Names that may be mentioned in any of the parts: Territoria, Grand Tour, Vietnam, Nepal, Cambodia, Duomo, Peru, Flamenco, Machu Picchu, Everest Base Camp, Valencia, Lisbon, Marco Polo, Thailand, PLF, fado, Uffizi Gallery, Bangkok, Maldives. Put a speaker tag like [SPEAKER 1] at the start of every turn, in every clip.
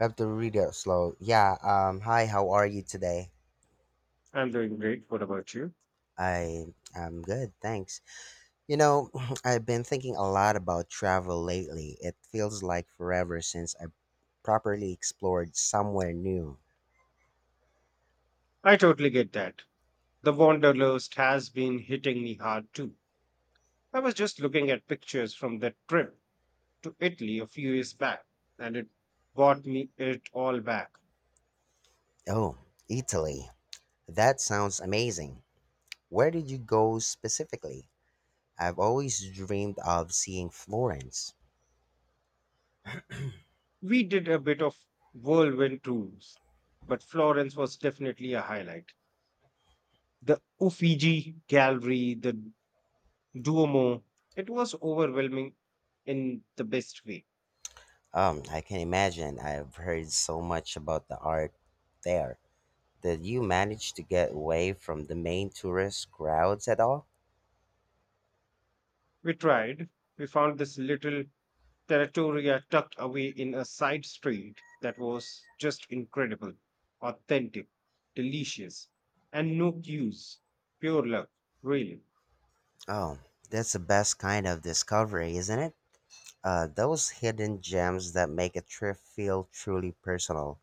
[SPEAKER 1] I have to read it slow. Yeah. Hi. How are you today?
[SPEAKER 2] I'm doing great. What about you?
[SPEAKER 1] I am good, thanks. You know, I've been thinking a lot about travel lately. It feels like forever since I properly explored somewhere new.
[SPEAKER 2] I totally get that. The Wanderlust has been hitting me hard too. I was just looking at pictures from that trip to Italy a few years back, and it brought me it all back.
[SPEAKER 1] Oh, Italy. That sounds amazing. Where did you go specifically? I've always dreamed of seeing Florence.
[SPEAKER 2] We did a bit of whirlwind tours, but Florence was definitely a highlight. The Uffizi Gallery, the Duomo, it was overwhelming in the best way.
[SPEAKER 1] I can imagine. I've heard so much about the art there. Did you manage to get away from the main tourist crowds at all?
[SPEAKER 2] We tried, we found this little Territoria tucked away in a side street that was just incredible, authentic, delicious, and no queues. Pure luck, really.
[SPEAKER 1] Oh, that's the best kind of discovery, isn't it? Those hidden gems that make a trip feel truly personal.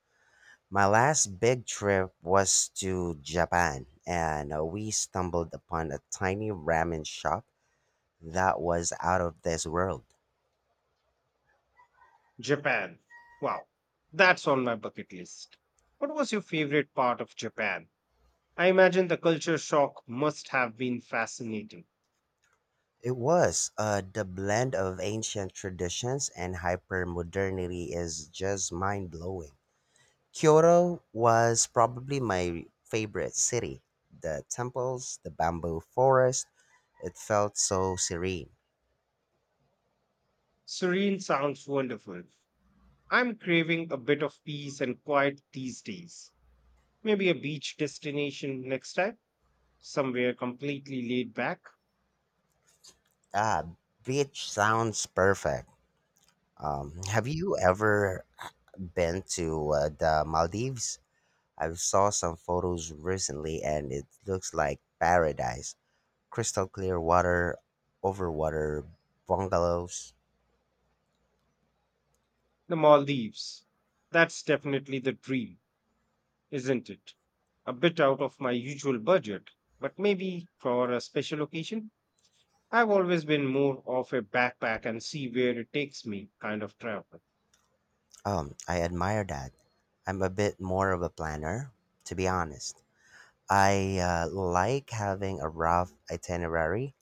[SPEAKER 1] My last big trip was to Japan, and we stumbled upon a tiny ramen shop that was out of this world.
[SPEAKER 2] Japan. Wow, that's on my bucket list. What was your favorite part of Japan? I imagine the culture shock must have been fascinating.
[SPEAKER 1] It was. The blend of ancient traditions and hypermodernity is just mind blowing. Kyoto was probably my favorite city. The temples, the bamboo forest, it felt so serene.
[SPEAKER 2] Serene sounds wonderful. I'm craving a bit of peace and quiet these days. Maybe a beach destination next time, somewhere completely laid back.
[SPEAKER 1] Ah, beach sounds perfect. Have you ever been to the Maldives? I saw some photos recently and it looks like paradise. Crystal clear water over water bungalows.
[SPEAKER 2] The Maldives. That's definitely the dream, isn't it? A bit out of my usual budget, but maybe for a special occasion. I've always been more of a backpack and see where it takes me kind of travel.
[SPEAKER 1] I admire that. I'm a bit more of a planner, to be honest. I like having a rough itinerary,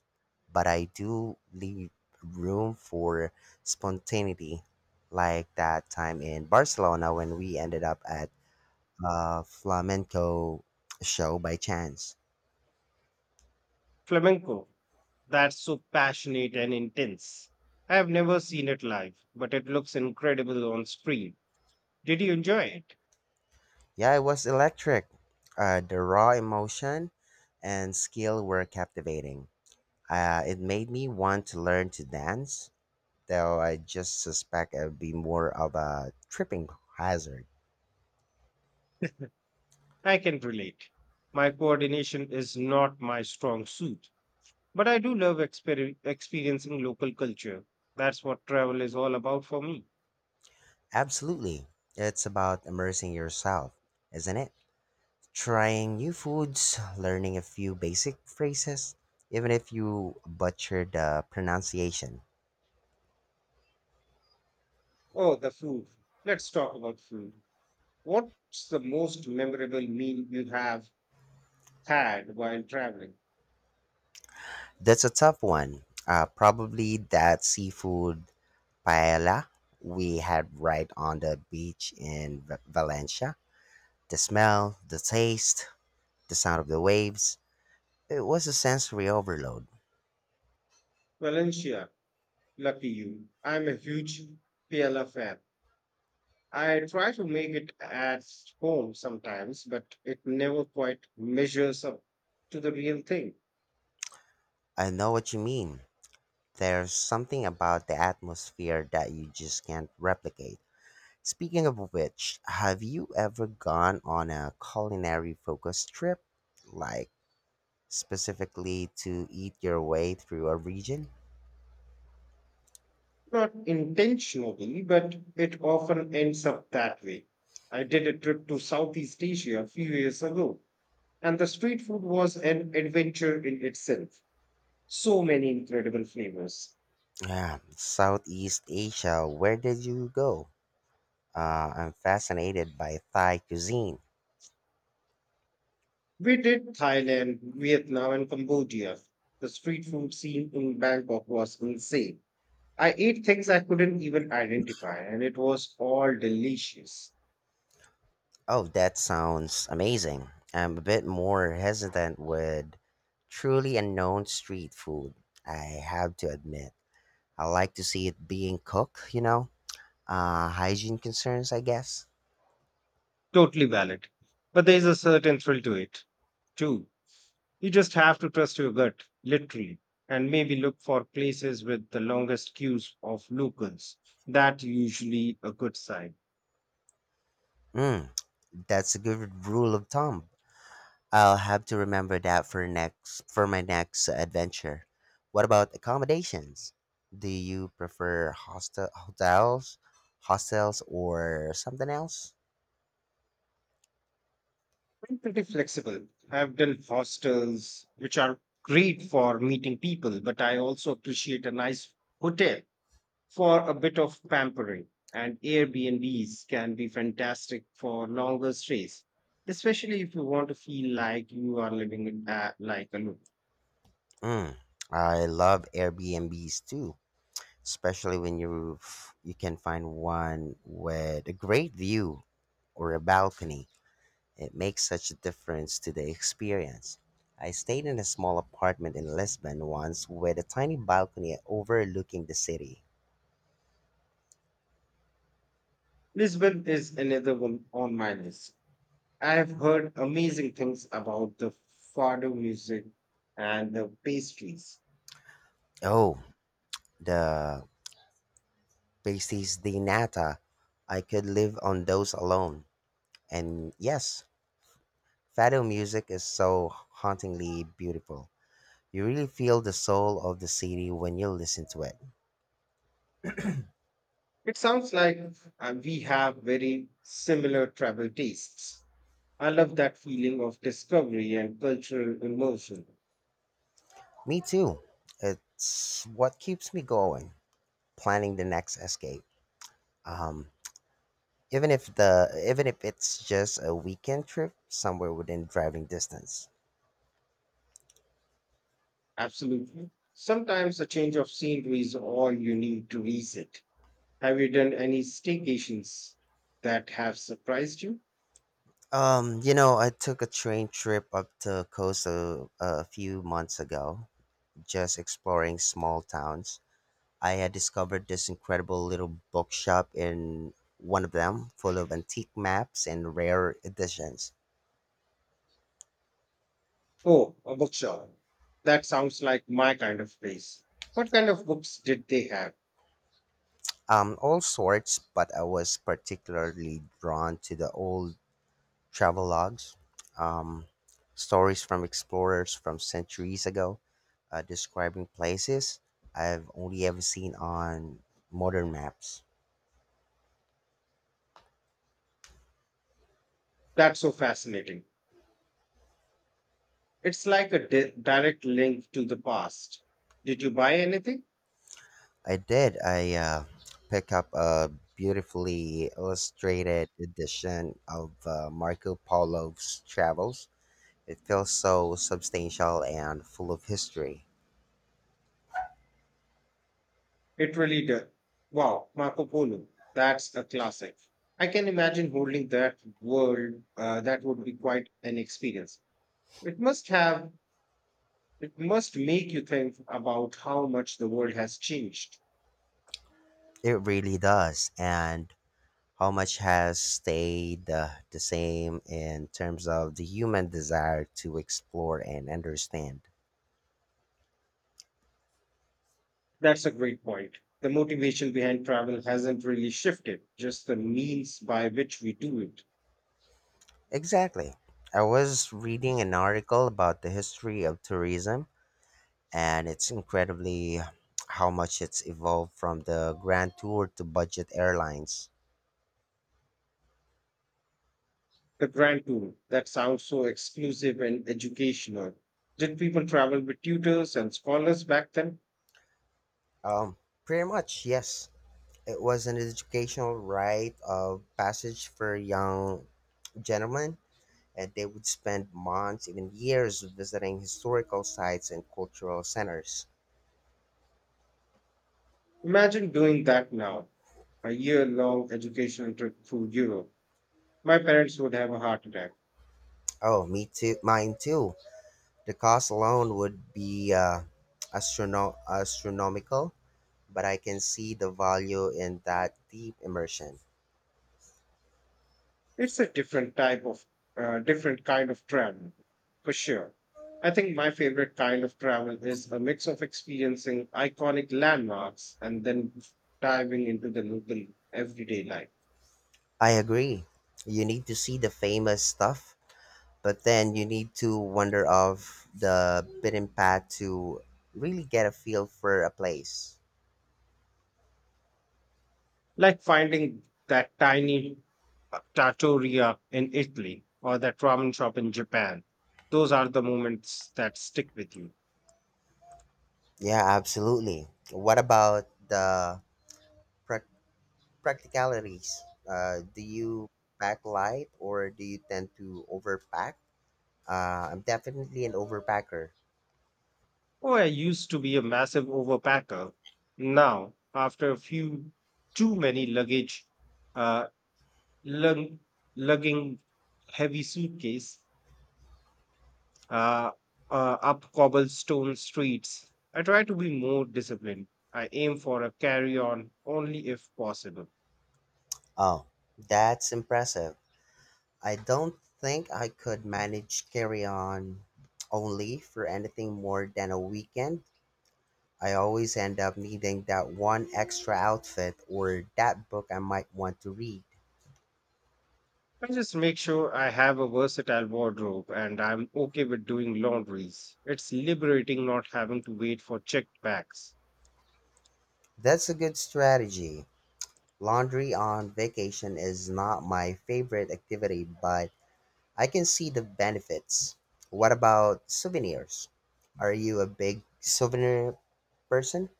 [SPEAKER 1] but I do leave room for spontaneity, like that time in Barcelona when we ended up at a flamenco show by chance.
[SPEAKER 2] Flamenco. That's so passionate and intense. I have never seen it live, but it looks incredible on screen. Did you enjoy it?
[SPEAKER 1] Yeah, it was electric. The raw emotion and skill were captivating. It made me want to learn to dance, though I just suspect it would be more of a tripping hazard.
[SPEAKER 2] I can relate. My coordination is not my strong suit, but I do love experiencing local culture. That's what travel is all about for me.
[SPEAKER 1] Absolutely. It's about immersing yourself, isn't it? Trying new foods, learning a few basic phrases, even if you butcher the pronunciation.
[SPEAKER 2] Oh, the food. Let's talk about food. What's the most memorable meal you have had while traveling?
[SPEAKER 1] That's a tough one. Probably that seafood paella we had right on the beach in Valencia. The smell, the taste, the sound of the waves. It was a sensory overload.
[SPEAKER 2] Valencia, lucky you. I'm a huge PLF fan. I try to make it at home sometimes, but it never quite measures up to the real thing.
[SPEAKER 1] I know what you mean. There's something about the atmosphere that you just can't replicate. Speaking of which, have you ever gone on a culinary focused trip? Like, specifically to eat your way through a region?
[SPEAKER 2] Not intentionally, but it often ends up that way. I did a trip to Southeast Asia a few years ago, and the street food was an adventure in itself. So many incredible flavors.
[SPEAKER 1] Yeah, Southeast Asia. Where did you go? I'm fascinated by Thai cuisine.
[SPEAKER 2] We did Thailand, Vietnam, and Cambodia. The street food scene in Bangkok was insane. I ate things I couldn't even identify, and it was all delicious.
[SPEAKER 1] Oh, that sounds amazing. I'm a bit more hesitant with truly unknown street food, I have to admit. I like to see it being cooked, you know? Hygiene concerns, I guess.
[SPEAKER 2] Totally valid. But there's a certain thrill to it, too. You just have to trust your gut, literally, and maybe look for places with the longest queues of locals. That usually a good sign.
[SPEAKER 1] Mm, that's a good rule of thumb. I'll have to remember that for next for my next adventure. What about accommodations? Do you prefer hostel hotels, hostels or something else?
[SPEAKER 2] I'm pretty flexible. I've done hostels, which are great for meeting people, but I also appreciate a nice hotel for a bit of pampering. And Airbnbs can be fantastic for longer stays, especially if you want to feel like you are living in a, like a loop.
[SPEAKER 1] Mm, I love Airbnbs too, especially when you you can find one with a great view or a balcony. It makes such a difference to the experience. I stayed in a small apartment in Lisbon once with a tiny balcony overlooking the city.
[SPEAKER 2] Lisbon is another one on my list. I've heard amazing things about the fado music and the pastries.
[SPEAKER 1] Oh, the pasties de nata. I could live on those alone. And yes, fado music is so hauntingly beautiful. You really feel the soul of the city when you listen to it.
[SPEAKER 2] It sounds like we have very similar travel tastes. I love that feeling of discovery and cultural immersion.
[SPEAKER 1] Me too. It's what keeps me going, planning the next escape. Even if it's just a weekend trip somewhere within driving distance.
[SPEAKER 2] Absolutely. Sometimes a change of scenery is all you need to visit. Have you done any staycations that have surprised you?
[SPEAKER 1] You know, I took a train trip up to coast a few months ago, just exploring small towns. I had discovered this incredible little bookshop in one of them, full of antique maps and rare editions.
[SPEAKER 2] Oh, a bookshop. That sounds like my kind of place. What kind of books did they have?
[SPEAKER 1] All sorts, but I was particularly drawn to the old travelogues, um, stories from explorers from centuries ago, describing places I've only ever seen on modern maps.
[SPEAKER 2] That's so fascinating. It's like a direct link to the past. Did you buy anything?
[SPEAKER 1] I did. I pick up a beautifully illustrated edition of Marco Polo's travels. It feels so substantial and full of history.
[SPEAKER 2] It really did. Wow, Marco Polo. That's a classic. I can imagine holding that world. That would be quite an experience. It must have. It must make you think about how much the world has changed.
[SPEAKER 1] It really does, and how much has stayed the same in terms of the human desire to explore and understand.
[SPEAKER 2] That's a great point. The motivation behind travel hasn't really shifted, just the means by which we do it.
[SPEAKER 1] Exactly. I was reading an article about the history of tourism, and it's incredibly how much it's evolved from the grand tour to budget airlines.
[SPEAKER 2] The Grand Tour, that sounds so exclusive and educational. Did people travel with tutors and scholars back then?
[SPEAKER 1] Um, Pretty much, yes. It was an educational rite of passage for young gentlemen and they would spend months, even years, visiting historical sites and cultural centers.
[SPEAKER 2] Imagine doing that now, a year long educational trip through Europe. My parents would have a heart attack.
[SPEAKER 1] Oh, me too. Mine too. The cost alone would be astronomical, but I can see the value in that deep immersion.
[SPEAKER 2] It's a different kind of travel, for sure. I think my favorite kind of travel is a mix of experiencing iconic landmarks and then diving into the local everyday life,
[SPEAKER 1] I agree. You need to see the famous stuff, but then you need to wander off the beaten path to really get a feel for a place.
[SPEAKER 2] like finding that tiny trattoria in Italy or that ramen shop in Japan. Those are the moments that stick with you.
[SPEAKER 1] Yeah, absolutely. What about the pra- practicalities. Do you pack light or do you tend to overpack? I'm definitely an overpacker.
[SPEAKER 2] Oh, I used to be a massive overpacker. Now, after a few too many luggage, uh, lug, lugging heavy suitcase uh, up cobblestone streets, I try to be more disciplined. I aim for a carry-on only if possible.
[SPEAKER 1] Oh, that's impressive. I don't think I could manage carry on only for anything more than a weekend. I always end up needing that one extra outfit or that book I might want to read.
[SPEAKER 2] I just make sure I have a versatile wardrobe and I'm okay with doing laundries. It's liberating not having to wait for checked bags.
[SPEAKER 1] That's a good strategy. Laundry on vacation is not my favorite activity, but I can see the benefits. What about souvenirs? Are you a big souvenir person?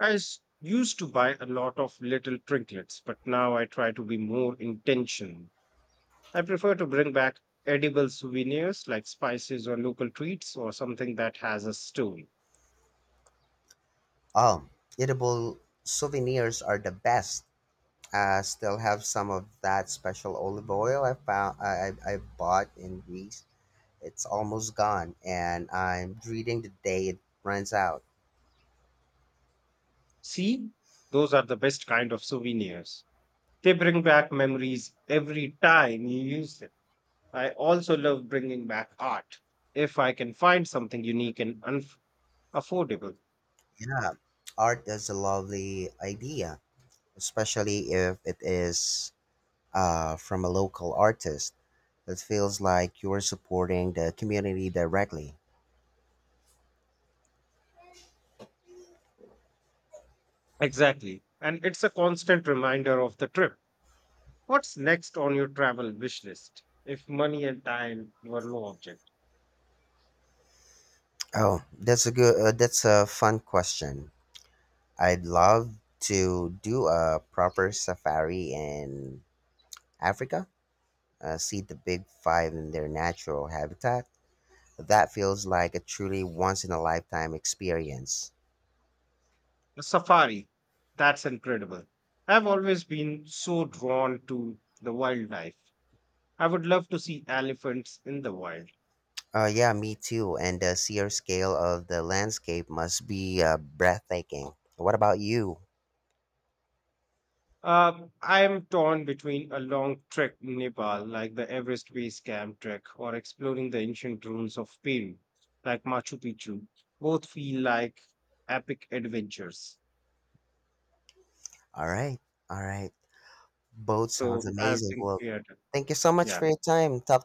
[SPEAKER 2] Used to buy a lot of little trinkets, but now I try to be more intentional. I prefer to bring back edible souvenirs like spices or local treats or something that has a story.
[SPEAKER 1] Oh, edible souvenirs are the best. I still have some of that special olive oil I found I bought in Greece. It's almost gone, and I'm dreading the day it runs out.
[SPEAKER 2] See, those are the best kind of souvenirs. They bring back memories every time you use them. I also love bringing back art if I can find something unique and unf affordable.
[SPEAKER 1] Yeah, art is a lovely idea, especially if it is from a local artist. It feels like you're supporting the community directly.
[SPEAKER 2] Exactly. And it's a constant reminder of the trip. What's next on your travel wish list? If money and time were no object,
[SPEAKER 1] Oh, that's a good. That's a fun question. I'd love to do a proper safari in Africa. See the big five in their natural habitat. That feels like a truly once in a lifetime experience.
[SPEAKER 2] a safari. That's incredible. I've always been so drawn to the wildlife. I would love to see elephants in the wild.
[SPEAKER 1] Yeah, me too. And the sheer scale of the landscape must be breathtaking. What about you?
[SPEAKER 2] I am torn between a long trek in Nepal, like the Everest Base Camp trek, or exploring the ancient ruins of Peru, like Machu Picchu. Both feel like epic adventures.
[SPEAKER 1] All right, all right. Both sounds
[SPEAKER 2] So I
[SPEAKER 1] amazing.
[SPEAKER 2] think
[SPEAKER 1] Well,
[SPEAKER 2] we are done.
[SPEAKER 1] thank you so much
[SPEAKER 2] Yeah.
[SPEAKER 1] for your time. Talk